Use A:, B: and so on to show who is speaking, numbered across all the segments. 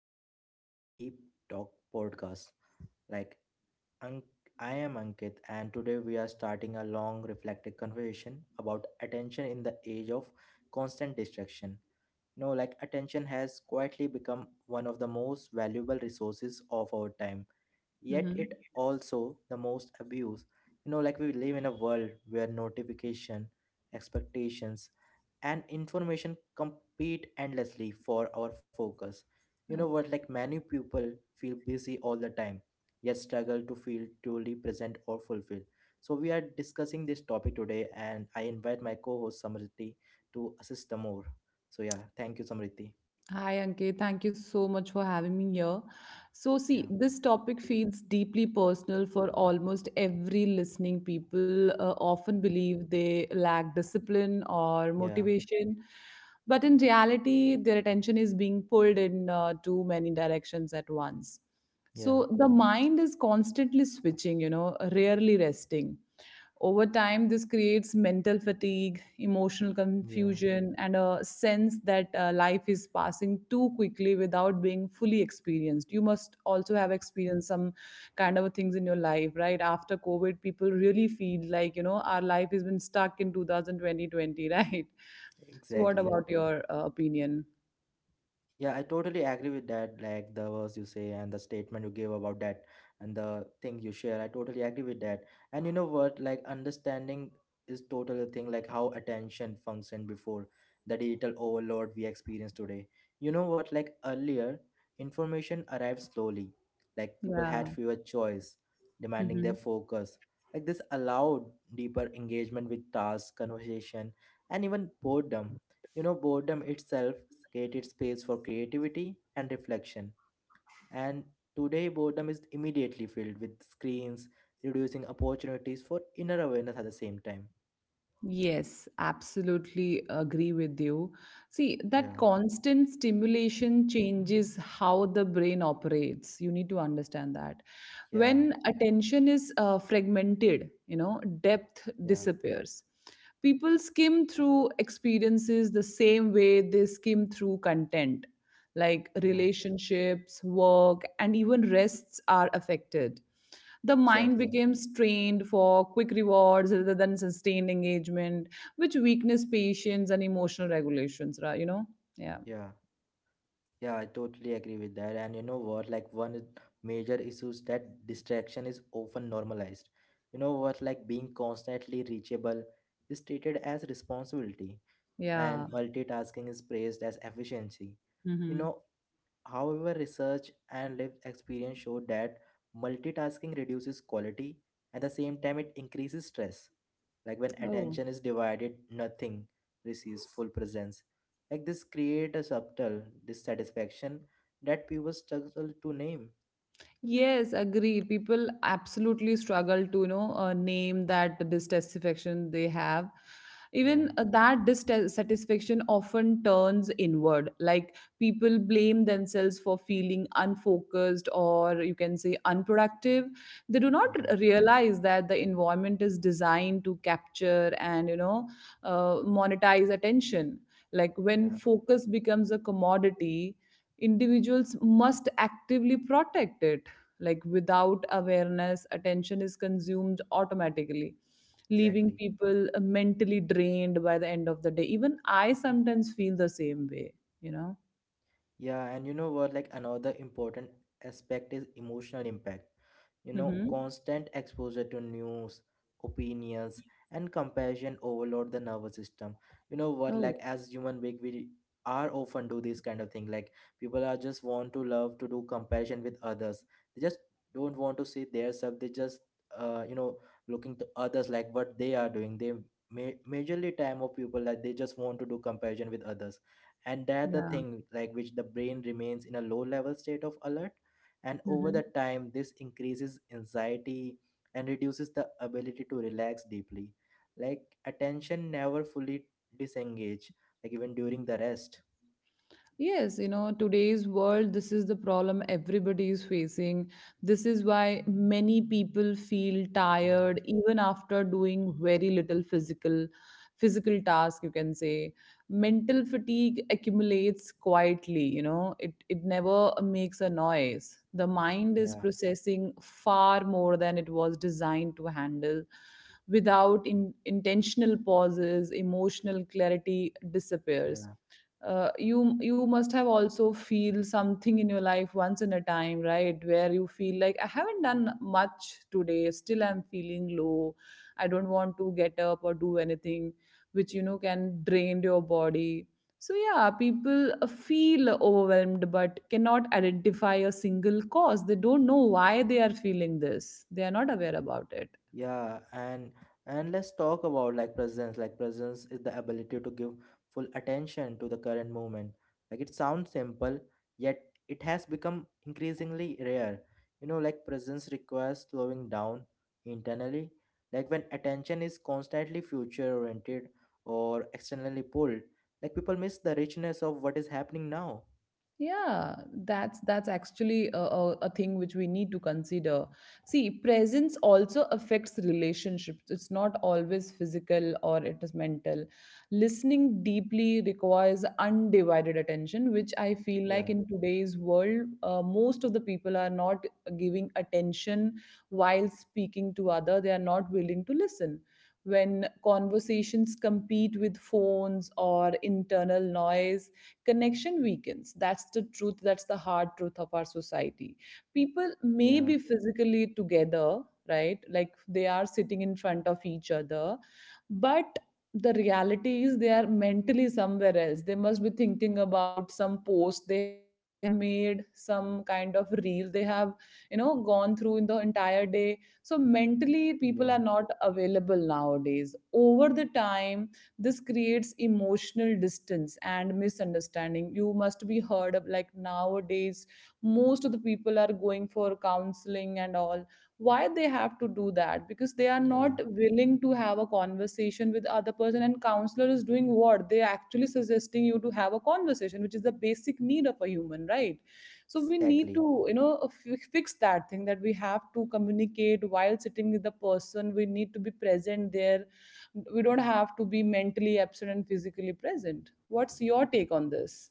A: Welcome back to Deep Talk Podcast. Like, Ank- I am Ankit, and today we are starting a long, reflective conversation about attention in the age of constant distraction. Attention has quietly become one of the most valuable resources of our time, yet, it
B: Mm-hmm.
A: also the most abused. We live in a world where notification, expectations, and information compete endlessly for our focus. You know
B: Okay.
A: what? Like many people feel busy all the time, yet struggle to feel truly present or fulfilled. So we are discussing this topic today, and I invite my co-host Samriti to assist the more. So yeah, thank you, Samriti.
B: Hi, Ankit. Thank you so much for having me here. So, see,
A: Yeah,
B: this topic feels deeply personal for almost every listening people. Often believe they lack discipline or
A: yeah,
B: motivation, but in reality, their attention is being pulled in too many directions at once.
A: yeah,
B: So, the mind is constantly switching, you know, rarely resting. Over time, this creates mental fatigue, emotional
A: yeah.
B: confusion, and a sense that life is passing too quickly without being fully experienced. You must also have experienced some kind of things in your life, right? After COVID, people really feel like, you know, our life has been stuck in 2020, right? So, what
A: Exactly.
B: about your opinion?
A: Yeah, I totally agree with that. Like the words you say and the statement you gave about that and the thing you share, I totally agree with that. And you know what? Like understanding is totally a thing. Like how attention functioned before the digital overload we experience today. You know what? Like earlier, information arrived slowly. Like people had
B: Yeah.
A: fewer choice, demanding their
B: Mm-hmm.
A: focus. Like this allowed deeper engagement with tasks, conversation, and even boredom. You know, boredom itself created space for creativity and reflection. And today, boredom is immediately filled with screens, reducing opportunities for inner awareness at the same time.
B: Yes, absolutely agree with you. See, that
A: Yeah,
B: constant stimulation changes how the brain operates. You need to understand that.
A: yeah,
B: When attention is fragmented, you know, depth
A: yeah,
B: disappears. People skim through experiences the same way they skim through content, like
A: yeah,
B: relationships, work, and even rests are affected. The mind
A: exactly.
B: becomes trained for quick rewards rather than sustained engagement, which weakness patience and emotional regulations, right? You know. Yeah,
A: Yeah, yeah, I totally agree with that. And you know what? Like, one major issue is that distraction is often normalized. You know what? Like, being constantly reachable is treated as responsibility and
B: yeah.
A: multitasking is praised as efficiency. You
B: Hmm.
A: know, however, research and lived experience show that multitasking reduces quality at the same time it increases stress. Like when
B: Oh.
A: attention is divided, nothing receives full presence. Like this create a subtle dissatisfaction that people struggle to name.
B: Yes, agreed. People absolutely struggle to, you know, name that dissatisfaction they have. Even
A: Yeah,
B: that dissatisfaction often turns inward. Like people blame themselves for feeling unfocused or you can say unproductive. They do not
A: yeah,
B: realize that the environment is designed to capture and, you know, monetize attention. Like when
A: yeah,
B: focus becomes a commodity, individuals must actively protect it, like without awareness, attention is consumed automatically, leaving
A: exactly.
B: people mentally drained by the end of the day. Even I sometimes feel the same way, you know?
A: Yeah, and you know what? Like another important aspect is emotional impact. You know,
B: Hmm.
A: constant exposure to news, opinions, and comparison overload the nervous system. You know what?
B: Oh,
A: Like as human being, we are often do this kind of thing. Like people are just want to love to do comparison with others. They just don't want to see their self. They just you know looking to others like what they are doing. They majorly time of people like they just want to do comparison with others and that the
B: yeah.
A: thing like which the brain remains in a low level state of alert and over
B: Mm-hmm.
A: the time this increases anxiety and reduces the ability to relax deeply like attention never fully disengage like even during the rest.
B: Yes, you know, today's world, this is the problem everybody is facing. This is why many people feel
A: yeah
B: tired even after doing very little physical task, you can say. Mental fatigue accumulates quietly, you know, it never makes a noise. The mind is
A: yeah
B: processing far more than it was designed to handle. Without intentional pauses, emotional clarity disappears.
A: yeah
B: You must have also feel something in your life once in a time, right? Where you feel like, I haven't done much today, still I'm feeling low. I don't want to get up or do anything, which you know can drain your body. So yeah, people feel overwhelmed but cannot identify a single cause. They don't know why they are feeling this. They are not aware about it.
A: Yeah, and let's talk about like presence. Like presence is the ability to give full attention to the current moment. Like it sounds simple, yet it has become increasingly rare. You know, like presence requires slowing down internally. Like when attention is constantly future oriented or externally pulled, like people miss the richness of what is happening now.
B: Yeah, that's actually a thing which we need to consider. See, presence also affects relationships. It's not always physical or it is mental. Listening deeply requires undivided attention, which I feel
A: Yeah,
B: like in today's world, most of the people are not giving attention. While speaking to other they are not willing to listen. When conversations compete with phones or internal noise, connection weakens. That's the truth, that's the hard truth of our society. People may
A: yeah,
B: be physically together, right? Like they are sitting in front of each other, but the reality is they are mentally somewhere else. They must be thinking about some post they have made, some kind of reel they have, you know, gone through in the entire day. So mentally people are
A: yeah,
B: not available nowadays. Over the time, this creates emotional distance and misunderstanding. You must be heard of like nowadays most of the people are going for counseling and all. Why they have to do that? Because they are not
A: yeah,
B: willing to have a conversation with other person, and counselor is doing what? They are actually suggesting you to have a conversation, which is the basic need of a human, right? So we need
A: exactly.
B: to, you know, fix that thing, that we have to communicate while sitting with the person. We need to be present there. We don't have to be mentally absent and physically present. What's your take on this?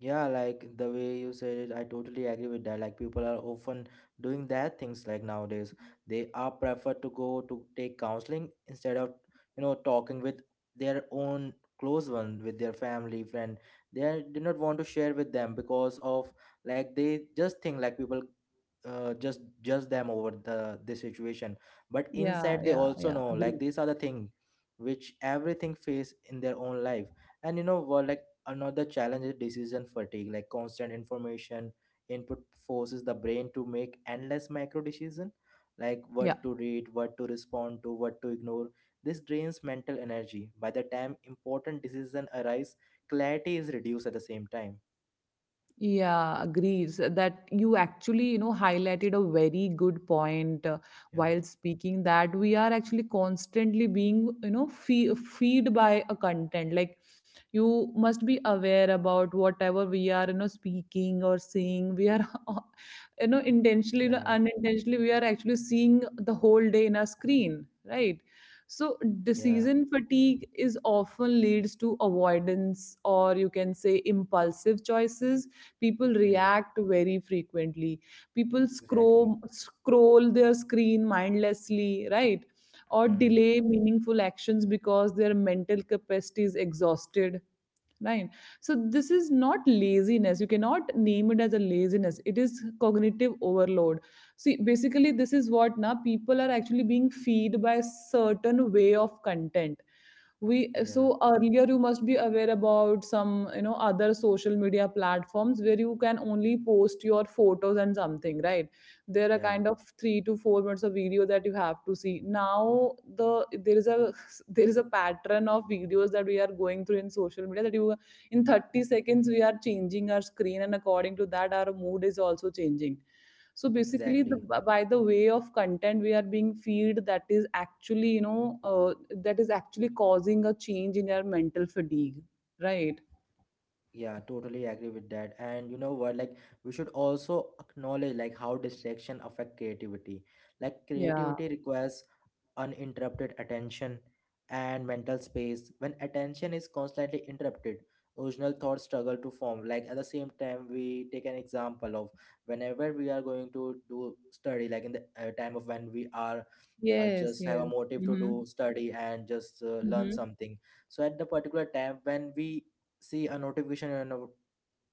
A: Yeah, like the way you said it, I totally agree with that. Like people are often doing that things like nowadays. They are preferred to go to take counseling instead of, you know, talking with their own close one, with their family, friend. They are- do not want to share with them because of like they just think like people just judge them over the this situation, but
B: Yeah, yeah,
A: inside they
B: yeah.
A: also
B: Agree.
A: know like these are the thing which everything face in their own life. And you know what? Like another challenge is decision fatigue. Like constant information input forces the brain to make endless micro decision, like
B: Yeah.
A: what to read, what to respond to, what to ignore. This drains mental energy. By the time important decision arise, clarity is reduced at the same time.
B: Yeah, agrees that you actually, you know, highlighted a very good point
A: yeah
B: while speaking, that we are actually constantly being, you know, feed by a content. Like you must be aware about whatever we are, you know, speaking or seeing. We are, you know, intentionally, you know,
A: yeah
B: unintentionally, we are actually seeing the whole day in a screen, right? So
A: yeah
B: decision fatigue is often leads to avoidance or you can say impulsive choices. People
A: yeah
B: react very frequently. People
A: exactly.
B: scroll their screen mindlessly, right? Or
A: Hmm.
B: delay meaningful actions because their mental capacity is exhausted, right? So this is not laziness. You cannot name it as a laziness. It is cognitive overload. See, basically this is what now people are actually being feed by certain way of content. We
A: Yeah,
B: So earlier you must be aware about some, you know, other social media platforms where you can only post your photos and something, right? There are
A: yeah,
B: kind of 3 to 4 minutes of video that you have to see now. There is a there is a pattern of videos that we are going through in social media, that you, in 30 seconds we are changing our screen, and according to that our mood is also changing. So basically the,
A: exactly.
B: by the way of content we are being feed, that is actually, you know, that is actually causing a change in our mental fatigue, right?
A: Yeah, totally agree with that. And you know what, like we should also acknowledge like how distraction affect creativity. Like
B: Yeah.
A: creativity requires uninterrupted attention and mental space. When attention is constantly interrupted, original thoughts struggle to form. Like at the same time, we take an example of whenever we are going to do study, like in the time of when we are
B: Yes,
A: just have a
B: yes.
A: motive to
B: Mm-hmm.
A: do study and just learn
B: Mm-hmm.
A: something. So at the particular tab when we see a notification on our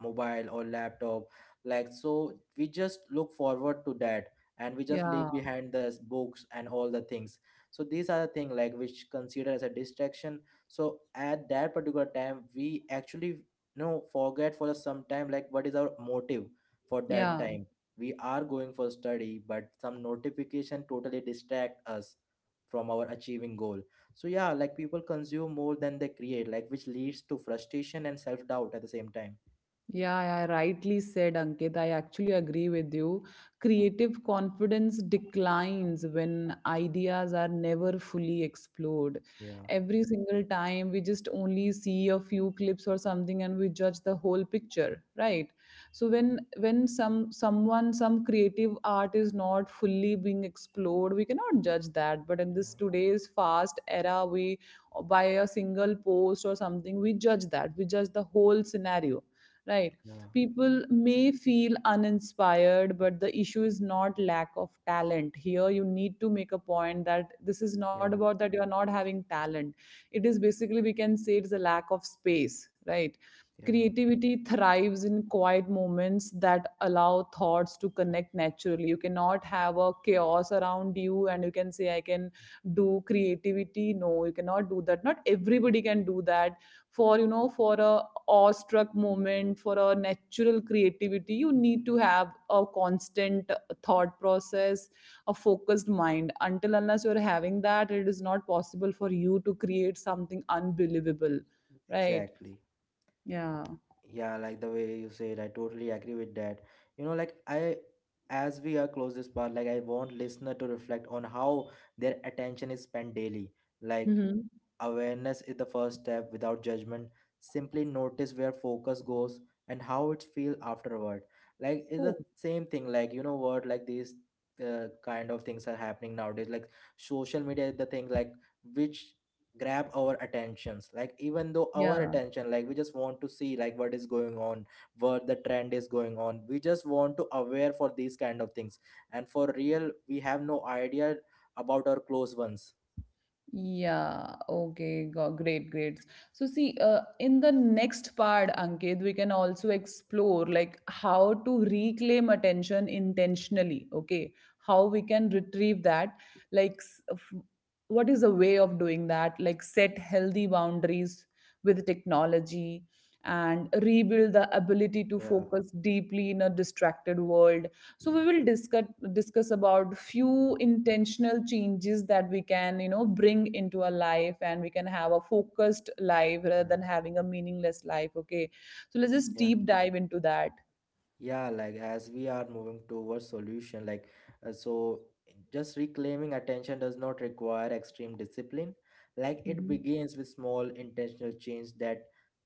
A: mobile or laptop, like so we just look forward to that and we just
B: Yeah,
A: leave behind the books and all the things. So these are the thing like which consider as a distraction. So at that particular time we actually you know forget for some time like what is our motive for that
B: yeah.
A: time. We are going for study but some notification totally distract us from our achieving goal. So yeah, like people consume more than they create, like which leads to frustration and self doubt at the same time.
B: Yeah, I rightly said, Ankit. I actually agree with you. Creative confidence declines when ideas are never fully explored.
A: Yeah,
B: Every single time we just only see a few clips or something and we judge the whole picture, right? So when some creative art is not fully being explored, we cannot judge that. But in this
A: yeah,
B: today's fast era, we, by a single post or something, we judge that. We judge the whole scenario, right?
A: yeah,
B: People may feel uninspired, but the issue is not lack of talent here. You need to make a point that this is not
A: yeah,
B: about that you are not having talent. It is basically, we can say, it's a lack of space, right?
A: yeah,
B: Creativity thrives in quiet moments that allow thoughts to connect naturally. You cannot have a chaos around you and you can say, I can do creativity. No, you cannot do that. Not everybody can do that. For, you know, for a awestruck moment, for a natural creativity, you need to have a constant thought process, a focused mind. Until unless you're having that, it is not possible for you to create something unbelievable, right?
A: exactly.
B: Yeah.
A: Yeah, like the way you said, I totally agree with that. You know, like I, as we are close this part, like I want listener to reflect on how their attention is spent daily. Like
B: Hmm.
A: awareness is the first step without judgment. Simply notice where focus goes and how it feels afterward. Like it's the
B: Oh,
A: same thing. Like you know what? Like these kind of things are happening nowadays. Like social media is the thing. Like which grab our attentions. Like even though our
B: yeah.
A: attention, like we just want to see like what is going on, what the trend is going on. We just want to aware for these kind of things. And for real, we have no idea about our close ones.
B: Yeah, okay, go, great, great. So, see, in the next part, Ankit, we can also explore like how to reclaim attention intentionally, okay? How we can retrieve that, like, what is a way of doing that? Like, set healthy boundaries with technology and rebuild the ability to
A: Yeah,
B: focus deeply in a distracted world. So we will discuss about few intentional changes that we can, you know, bring into our life, and we can have a focused life rather
A: yeah,
B: than having a meaningless life, okay? So let's just
A: yeah.
B: deep dive into that.
A: yeah, like as we are moving towards solution like so just reclaiming attention does not require extreme discipline, like it
B: Hmm.
A: begins with small intentional change that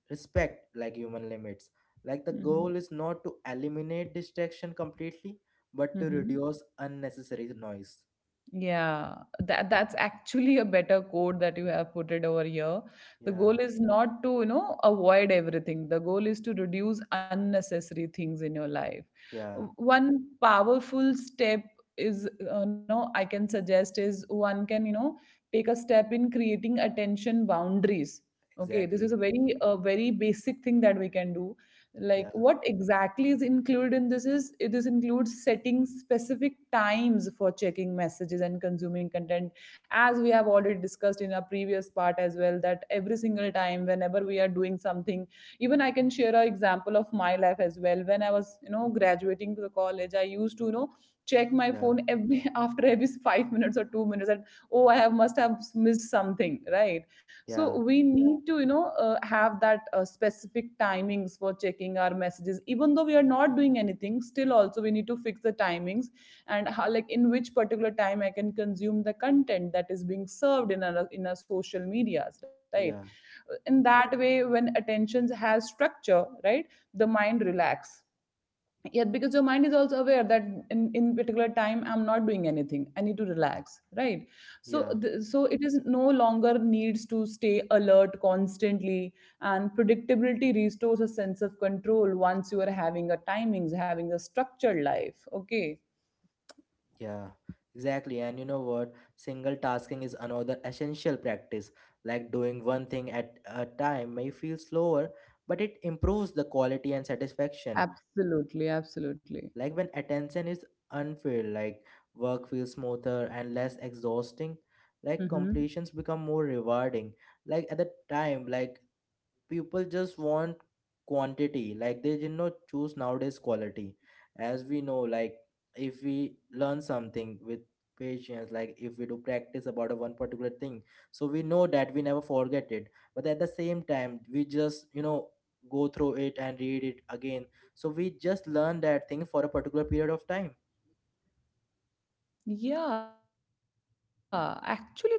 A: respect like human limits. Like the goal is not to eliminate distraction completely but to
B: Hmm.
A: reduce unnecessary noise.
B: Yeah, that that's actually a better quote that you have put it over here. The
A: yeah
B: goal is not to, you know, avoid everything. The goal is to reduce unnecessary things in your life.
A: yeah
B: One powerful step is, you know, I can suggest is one can, you know, take a step in creating attention boundaries. Okay, this
A: exactly.
B: is a very basic thing that we can do. Like
A: yeah
B: what exactly is included in this is, it is includes setting specific times for checking messages and consuming content, as we have already discussed in our previous part as well, that every single time whenever we are doing something, even I can share an example of my life as well. When I was, you know, graduating to the college, I used to, you know, check my
A: yeah
B: phone every after every 5 minutes or 2 minutes. That, oh, I have must have missed something, right? So
A: yeah
B: we need to, you know, have that specific timings for checking our messages, even though we are not doing anything, still also we need to fix the timings. And how, like in which particular time I can consume the content that is being served in our social medias, right?
A: yeah
B: In that way, when attention has structure, right, the mind relax, yeah, because your mind is also aware that in particular time I'm not doing anything, I need to relax, right? So
A: yeah
B: so it is no longer needs to stay alert constantly. And predictability restores a sense of control once you are having a timings, having a structured life, okay?
A: Yeah, exactly. And you know what? Single tasking is another essential practice. Like doing one thing at a time may feel slower, but it improves the quality and satisfaction.
B: Absolutely, absolutely.
A: Like when attention is unfilled, like work feels smoother and less exhausting. Like completions become more rewarding. Like at the time, like people just want quantity like they did not choose nowadays quality. As we know, like if we learn something with patience, like if we do practice about a one particular thing, so we know that we never forget it. But at the same time we just you know go through it and read it again, so we just learn that thing for a particular period of time.
B: Yeah, actually, it's a good point, you know.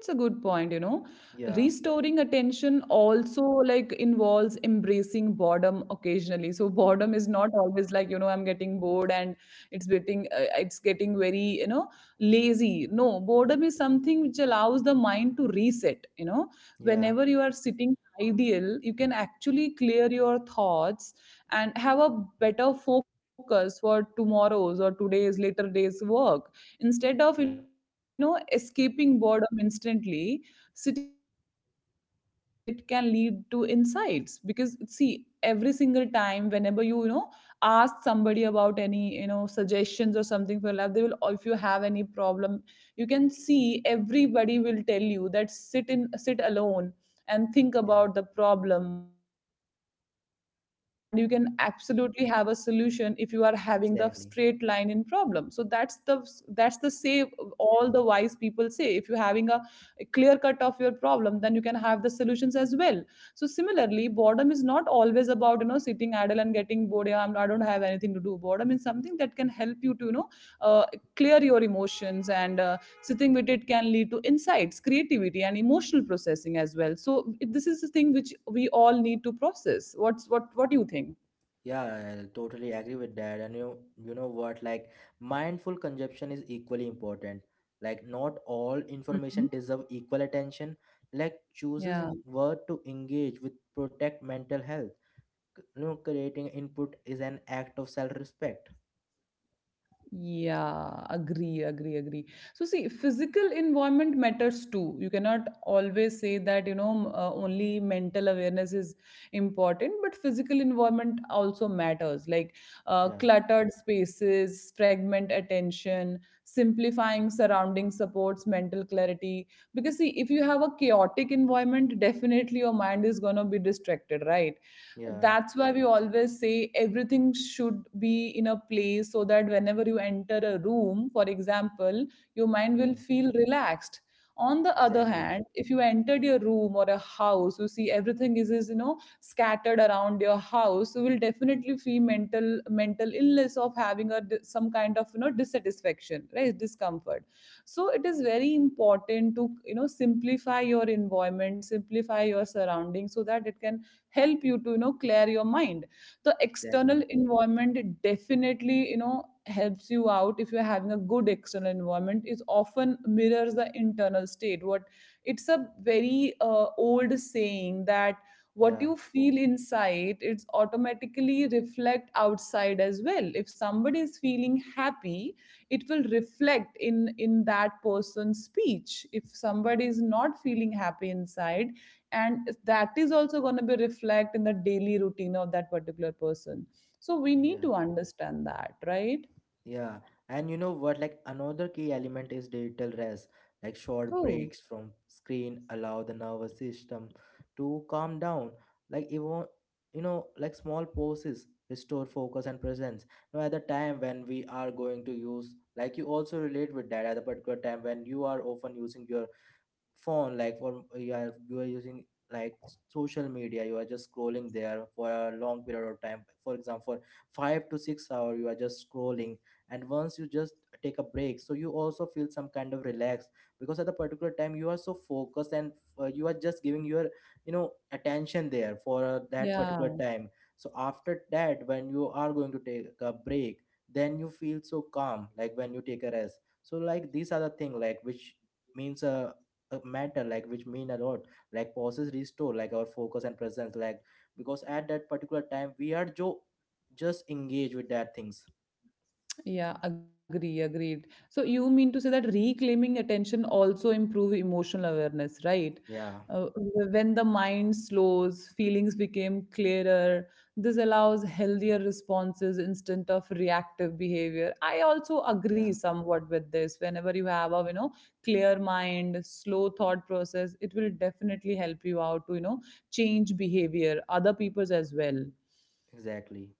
B: Restoring
A: yeah
B: attention also like involves embracing boredom occasionally. So boredom is not always like, I'm getting bored and it's getting very, lazy. No, boredom is something which allows the mind to reset, you know.
A: yeah
B: Whenever you are sitting ideal, you can actually clear your thoughts and have a better focus for tomorrow's or today's later days work. Instead of,
A: yeah
B: escaping boredom instantly, sitting with it can lead to insights because see, every single time whenever you you know ask somebody about any suggestions or something for your life, they will, or if you have any problem you can see everybody will tell you that sit alone and think about the problem,
A: yeah
B: and you can absolutely have a solution if you are having the straight line in problem. So that's
A: exactly.
B: the say, all the wise people say if you're having a clear cut of your problem then you can have the solutions as well. So similarly, boredom is not always about sitting idle and getting bored. Yeah, I don't have anything to do. Boredom is something that can help you to uh, clear your emotions, and sitting with it can lead to insights, creativity and emotional processing as well. So this is a thing which we all need to process. What do you think?
A: Yeah, I totally agree with that. And you know what? Like, mindful consumption is equally important. Like, not all
B: Mhm.
A: information deserve equal attention. Like,
B: Yeah.
A: chooses what to engage with protect mental health. You know, creating input is an act of self-respect.
B: Yeah, agree, agree, agree. So, see, physical environment matters too. You cannot always say that, you know, only mental awareness is important, but physical environment also matters. Like
A: Yeah,
B: cluttered spaces, fragment attention, simplifying surrounding supports mental clarity. Because, see, if you have a chaotic environment, definitely your mind is going to be distracted, right?
A: yeah,
B: That's why we always say everything should be in a place, so that whenever you enter a room for example your mind will
A: yeah.
B: feel relaxed. On the other
A: Exactly,
B: hand, if you entered your room or a house you see everything is you know scattered around your house, you will definitely feel mental illness of having a some kind of you know dissatisfaction, right? Discomfort. So it is very important to you know simplify your environment, simplify your surroundings so that it can help you to you know clear your mind, the external
A: exactly.
B: environment. Definitely you know helps you out if you're having a good external environment, it often mirrors the internal state. What, it's a very old saying that what
A: Yeah,
B: you feel inside, it's automatically reflect outside as well. If somebody is feeling happy, it will reflect in that person's speech. If somebody is not feeling happy inside, and that is also going to be reflect in the daily routine of that particular person. So we need
A: yeah.
B: to understand that, right?
A: Yeah, and you know what? Like another key element is digital rest. Like short
B: Oh,
A: breaks from screen allow the nervous system to calm down. Like even you know, like small pauses restore focus and presence. Now at the time when we are going to use, like you also relate with that at the particular time when you are often using your phone like for you are using like social media, you are just scrolling there for a long period of time, for example 5 to 6 hour you are just scrolling. And once you just take a break, so you also feel some kind of relaxed, because at the particular time you are so focused and you are just giving your you know attention there for that particular
B: yeah.
A: time. So after that when you are going to take a break, then you feel so calm, like when you take a rest. So like these are the thing like which means matter, like which mean a lot. Like pauses restore like our focus and presence like because at that particular time we are just engaged with that things.
B: Yeah, agree, agreed. So you mean to say that reclaiming attention also improve emotional awareness, right?
A: yeah
B: Uh, when the mind slows, feelings became clearer. This allows healthier responses instead of reactive behavior. I also
A: yeah
B: agree somewhat with this. Whenever you have a you know clear mind, slow thought process, it will definitely help you out to you know change behavior, other people's as well.
A: exactly.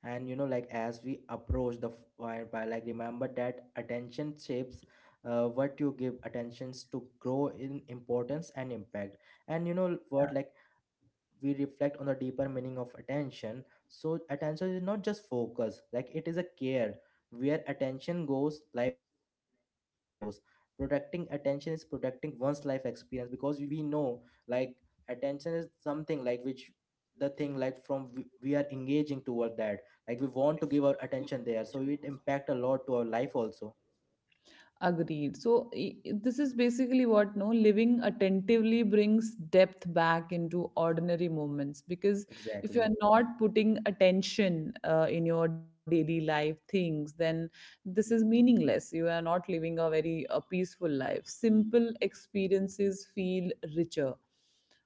A: And you know like as we approach the fire, by like remember that attention shapes what you give attentions to grow in importance and impact. And you know what, like we reflect on the deeper meaning of attention. So, attention is not just focus, like it is a care. Where attention goes, life flows. Protecting attention is protecting one's life experience, because we know, like, attention is something like which the thing like from we are engaging toward that like we want to give our attention there, so it impact a lot to our life also.
B: Agreed. This is basically what, no, living attentively brings depth back into ordinary moments, because if you are
A: exactly
B: not putting attention in your daily life things, then this is meaningless. You are not living a very peaceful life. Simple experiences feel richer.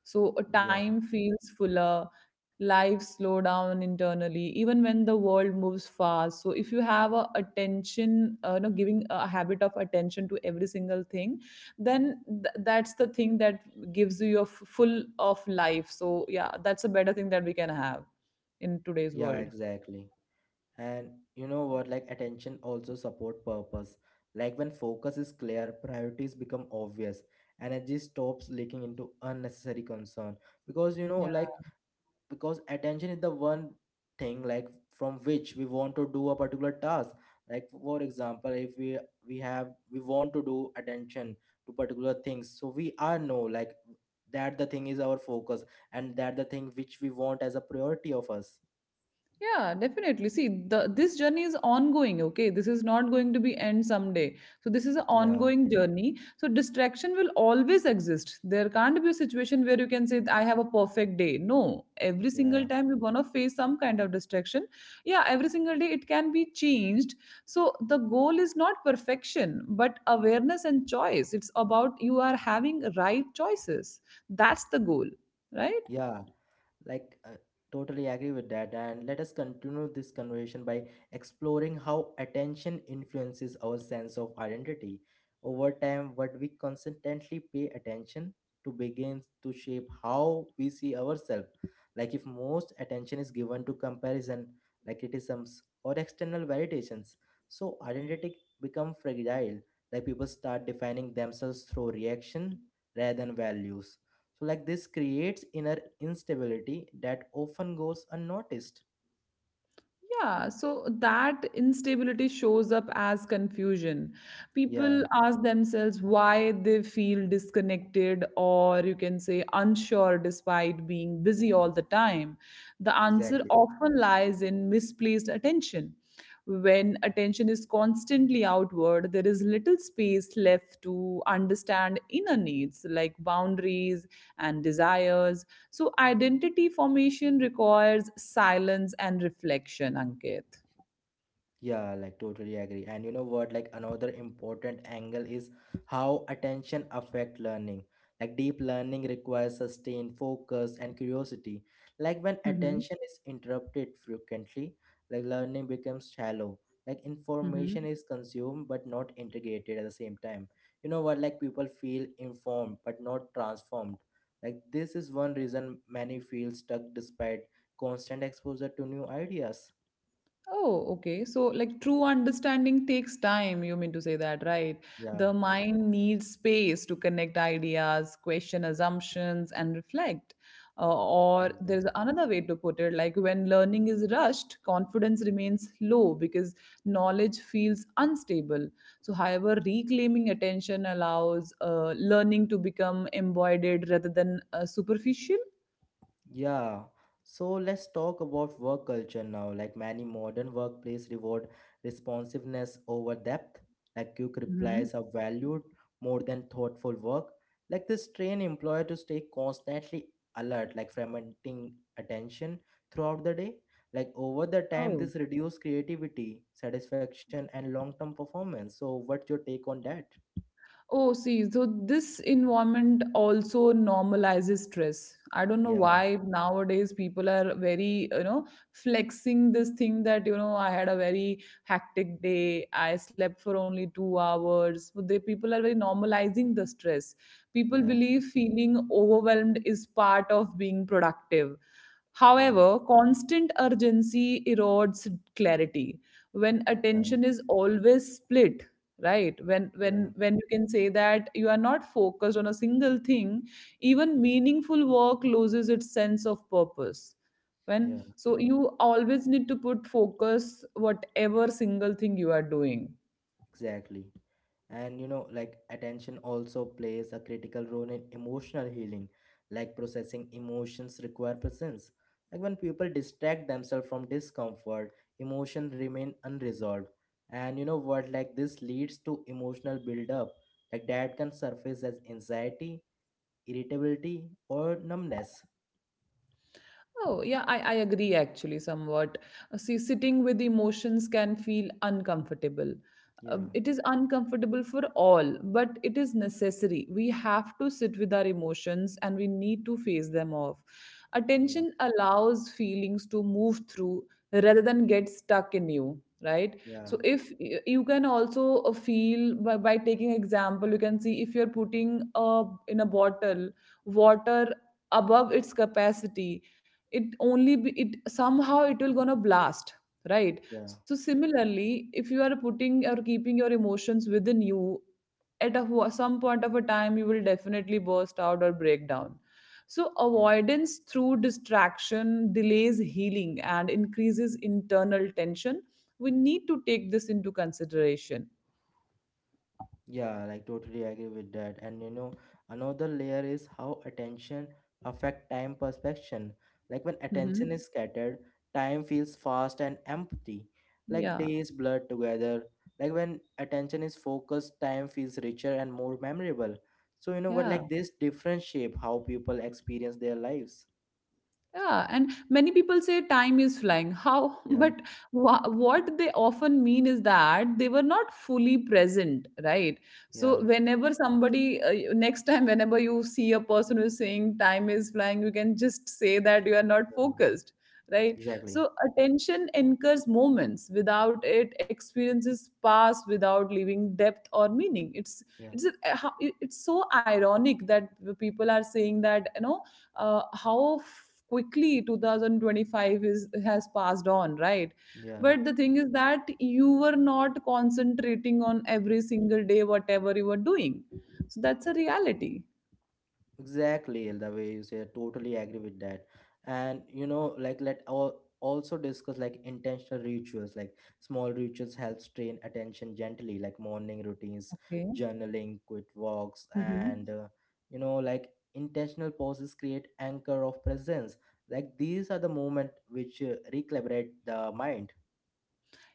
B: So a
A: yeah
B: time feels fuller, life slow down internally even when the world moves fast. So if you have a attention you know giving a habit of attention to every single thing, then that's the thing that gives you your full of life. So yeah, that's a better thing that we can have in today's
A: yeah
B: world.
A: exactly. And you know what? Like attention also support purpose. Like when focus is clear, priorities become obvious. Energy stops leaking into unnecessary concern. Because you know, like because attention is the one thing like from which we want to do a particular task. Like for example, if we want to do attention to particular things, so we are know like that the thing is our focus and that the thing which we want as a priority of us.
B: Yeah, definitely. See, the this journey is ongoing, okay? This is not going to be end someday. So this is an
A: Yeah,
B: ongoing journey. So distraction will always exist. There can't be a situation where you can say I have a perfect day. No. Every single
A: yeah,
B: time you're gonna face some kind of distraction. Yeah, every single day it can be changed. So the goal is not perfection, but awareness and choice. It's about you are having right choices. That's the goal, right?
A: yeah. Like, uh, Totally agree with that. And let us continue this conversation by exploring how attention influences our sense of identity. Over time, what we consistently pay attention to begins to shape how we see ourselves. Like, if most attention is given to comparison, like criticisms, or external validations, so identity become fragile. Like, people start defining themselves through reaction rather than values, so, like, this creates inner instability that often goes unnoticed.
B: Yeah, so that instability shows up as confusion.
A: Yeah,
B: People ask themselves why they feel disconnected or you can say unsure despite being busy all the time. The answer
A: exactly.
B: often lies in misplaced attention. When attention is constantly outward, there is little space left to understand inner needs like boundaries and desires. So, identity formation requires silence and reflection, Ankit.
A: Yeah, like totally agree. And you know what? Like another important angle is how attention affect learning. Like deep learning requires sustained focus and curiosity. Like when
B: Mm-hmm.
A: attention is interrupted frequently, like learning becomes shallow. Like
B: Mm-hmm.
A: information is consumed but not integrated at the same time. You know what? Like people feel informed but not transformed. Like this is one reason many feel stuck despite constant exposure to new ideas.
B: Oh, okay. So, like, true understanding takes time, you mean to say that, right?
A: Yeah,
B: The mind needs space to connect ideas, question assumptions, and reflect. Or
A: yeah.
B: there's another way to put it like, when learning is rushed, confidence remains low because knowledge feels unstable. So, however, reclaiming attention allows learning to become embodied rather than superficial.
A: Yeah, so let's talk about work culture now. Like many modern workplace reward responsiveness over depth, like quick replies are valued more than thoughtful work. Like this train employer to stay constantly alert, like fragmenting attention throughout the day. Like over the time,
B: Mhm.
A: this reduce creativity, satisfaction, and long-term performance. So what's your take on that?
B: Oh, see, so this environment also normalizes stress. I don't know
A: Yeah,
B: why nowadays people are very, you know, flexing this thing that, you know, I had a very hectic day, I slept for only 2 hours. So they people are very normalizing the stress. People
A: yeah,
B: believe feeling overwhelmed is part of being productive.
A: yeah,
B: However, constant urgency erodes clarity. When
A: yeah,
B: attention is always split, right? When
A: yeah,
B: when when you can say that you are not focused on a single thing, even meaningful work loses its sense of purpose. When,
A: yeah.
B: so you always need to put focus whatever single thing you are doing.
A: Exactly. And you know, like attention also plays a critical role in emotional healing. Like processing emotions require presence. Like when people distract themselves from discomfort, emotion remain unresolved. And you know what, like this leads to emotional buildup. Like that can surface as anxiety, irritability, or numbness.
B: Oh, yeah, i agree actually somewhat. See, sitting with emotions can feel uncomfortable.
A: Yeah,
B: It is uncomfortable for all, but it is necessary. We have to sit with our emotions and we need to face them off.
A: yeah,
B: Attention allows feelings to move through rather than get stuck in you, right?
A: yeah,
B: So if you can also feel by taking example, you can see if you're putting in a bottle water above its capacity, it somehow it will gonna blast, right?
A: yeah,
B: So similarly, if you are putting or keeping your emotions within you, at some point of a time you will definitely burst out or break down. So
A: yeah.
B: avoidance through distraction delays healing and increases internal tension. We need to take this into consideration.
A: Yeah, like totally agree with that. And you know, another layer is how attention affect time perception. Like when attention is
B: Hmm.
A: scattered, time feels fast and empty. Like
B: Yeah.
A: days blur together. Like when attention is focused, time feels richer and more memorable. So you know what, like
B: Yeah.
A: this different shape how people experience their lives.
B: Yeah, and many people say time is flying. How?
A: Yeah,
B: But what they often mean is that they were not fully present, right? So,
A: yeah,
B: whenever somebody, next time, whenever you see a person who's saying time is flying, you can just say that you are not
A: yeah.
B: focused, right?
A: Exactly.
B: So, attention anchors moments. Without it, experiences pass without leaving depth or meaning.
A: Yeah,
B: It's so ironic that people are saying that you know quickly 2025 is has passed on, right?
A: yeah.
B: But the thing is that you were not concentrating on every single day whatever you were doing. So that's a reality.
A: Exactly, the way you say, I totally agree with that. And you know, like let all also discuss like intentional rituals, like small rituals helps train attention gently, like morning routines,
B: Okay.
A: journaling, quick walks,
B: Mhm.
A: and you know, like intentional pauses create anchor of presence. Like these are the moment which recalibrate the mind.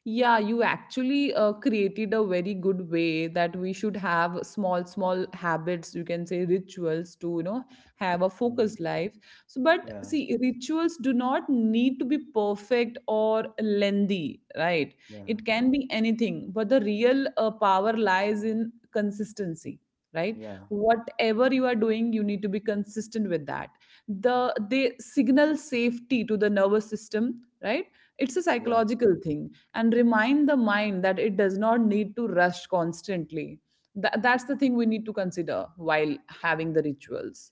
B: Yeah, you actually created a very good way that we should have small, small habits, you can say rituals to, you know, have a
A: Hmm.
B: focused life. So, but
A: Yeah,
B: see, rituals do not need to be perfect or lengthy, right?
A: yeah,
B: It can be anything, but the real power lies in consistency, right?
A: yeah,
B: Whatever you are doing you need to be consistent with that. They signal safety to the nervous system, right? It's a
A: yeah.
B: psychological thing, and remind the mind that it does not need to rush constantly. That's the thing we need to consider while having the rituals.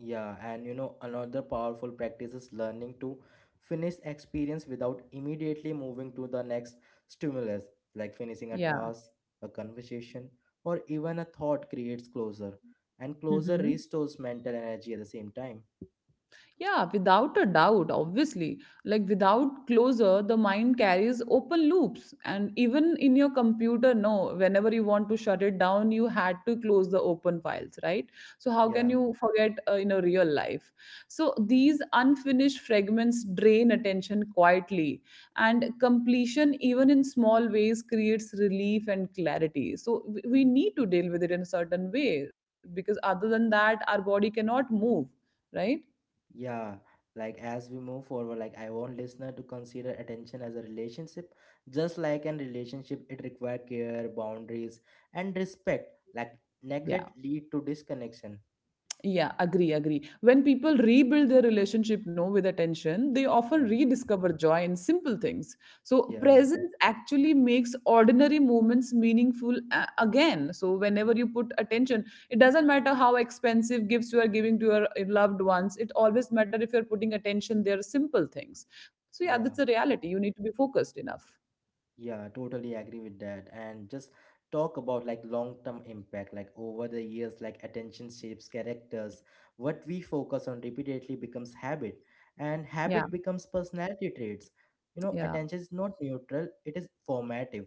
A: Yeah, and you know, another powerful practice is learning to finish experience without immediately moving to the next stimulus, like finishing a
B: Yeah.
A: task, a conversation, or even a thought creates closure, and closure
B: Hmm.
A: restores mental energy at the same time.
B: Yeah, without a doubt, obviously. Like without closure, the mind carries open loops. And even in your computer, no, whenever you want to shut it down, you had to close the open files, right? So, how can
A: Yeah,
B: you forget in a real life? So, these unfinished fragments drain attention quietly. And completion, even in small ways, creates relief and clarity. So, we need to deal with it in a certain way because other than that, our body cannot move, right?
A: yeah. Like as we move forward, like I want listener to consider attention as a relationship, just like in relationship, it requires care, boundaries, and respect. Like
B: Yeah.
A: neglect lead to disconnection.
B: Yeah, agree, agree. When people rebuild their relationship, no, with attention, they often
A: Yeah,
B: rediscover joy in simple things. So
A: yeah.
B: presence actually makes ordinary moments meaningful again. So whenever you put attention, it doesn't matter how expensive gifts you are giving to your loved ones. It always matter if you're putting attention, they're simple things. So yeah, that's
A: Yeah,
B: a reality. You need to be focused enough.
A: yeah, totally agree with that. And just talk about like long-term impact, like over the years, like attention shapes characters. What we focus on repeatedly becomes habit, and
B: Yeah.
A: habit becomes personality traits. You know,
B: Yeah.
A: attention is not neutral, it is formative.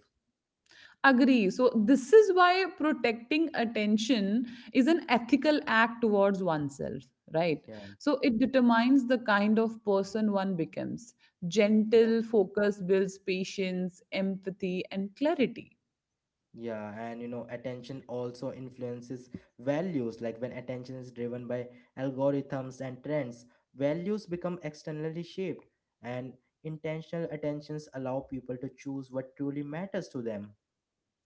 B: Agree. So, this is why protecting attention is an ethical act towards oneself, right?
A: Yeah.
B: So, it determines the kind of person one becomes. Gentle focus builds patience, empathy, and clarity.
A: Yeah, and you know, attention also influences values. Like when attention is driven by algorithms and trends, values become externally shaped, and intentional attentions allow people to choose what truly matters to them.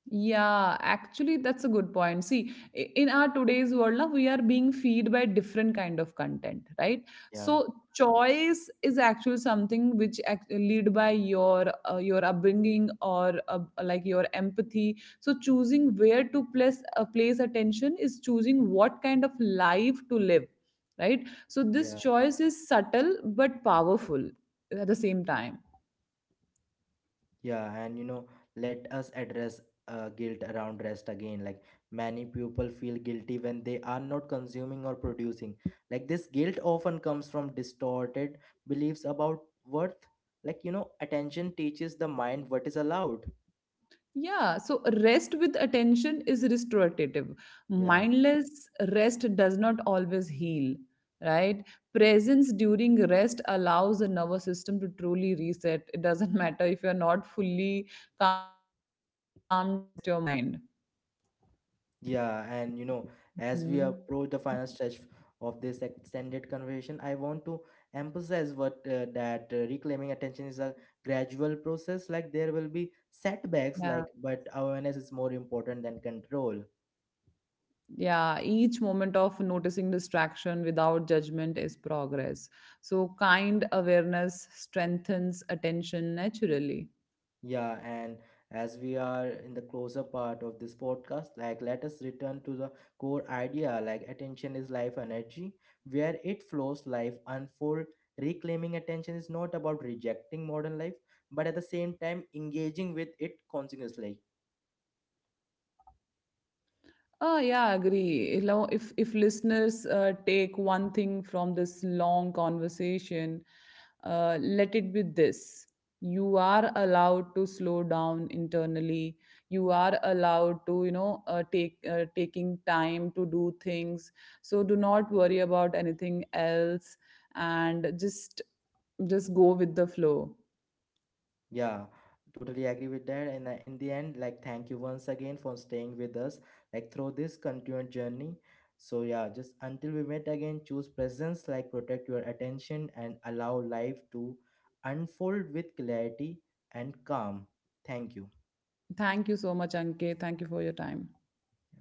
B: Yeah, actually, that's a good point. See, in our today's world, now we are being fed by different kind of content, right?
A: Yeah,
B: So choice is actually something which lead by your upbringing or like your empathy. So choosing where to place place attention is choosing what kind of life to live, right? So this
A: yeah.
B: choice is subtle but powerful at the same time.
A: Yeah, and you know, let us address guilt around rest again. Like many people feel guilty when they are not consuming or producing. Like this guilt often comes from distorted beliefs about worth. Like, you know, attention teaches the mind what is allowed.
B: Yeah, so rest with attention is restorative.
A: Yeah.
B: Mindless rest does not always heal, right? Presence during rest allows the nervous system to truly reset. It doesn't matter if you're not fully calmed down, you cannot rest your mind.
A: Yeah, and you know,
B: Mhm.
A: as we approach the final stretch of this extended conversation, I want to emphasize what that reclaiming attention is a gradual process. Like there will be
B: Yeah.
A: setbacks, like but awareness is more important than control.
B: Yeah. Each moment of noticing distraction without judgment is progress. So, kind awareness strengthens attention naturally.
A: Yeah, and as we are in the closer part of this podcast, like let us return to the core idea like attention is life energy, where it flows, life unfold. Reclaiming attention is not about rejecting modern life, but at the same time engaging with it continuously.
B: Ah, yeah, agree. If if listeners take one thing from this long conversation, let it be this: you are allowed to slow down internally. You are allowed to, you know, take taking time to do things. So do not worry about anything else, and just go with the flow.
A: Yeah, totally agree with that. And in the end, like, thank you once again for staying with us, like, through this continued journey. So, yeah, just until we meet again, choose presence, like, protect your attention and allow life to unfold with clarity and calm. Thank you.
B: Thank you so much, Ankit. Thank you for your time.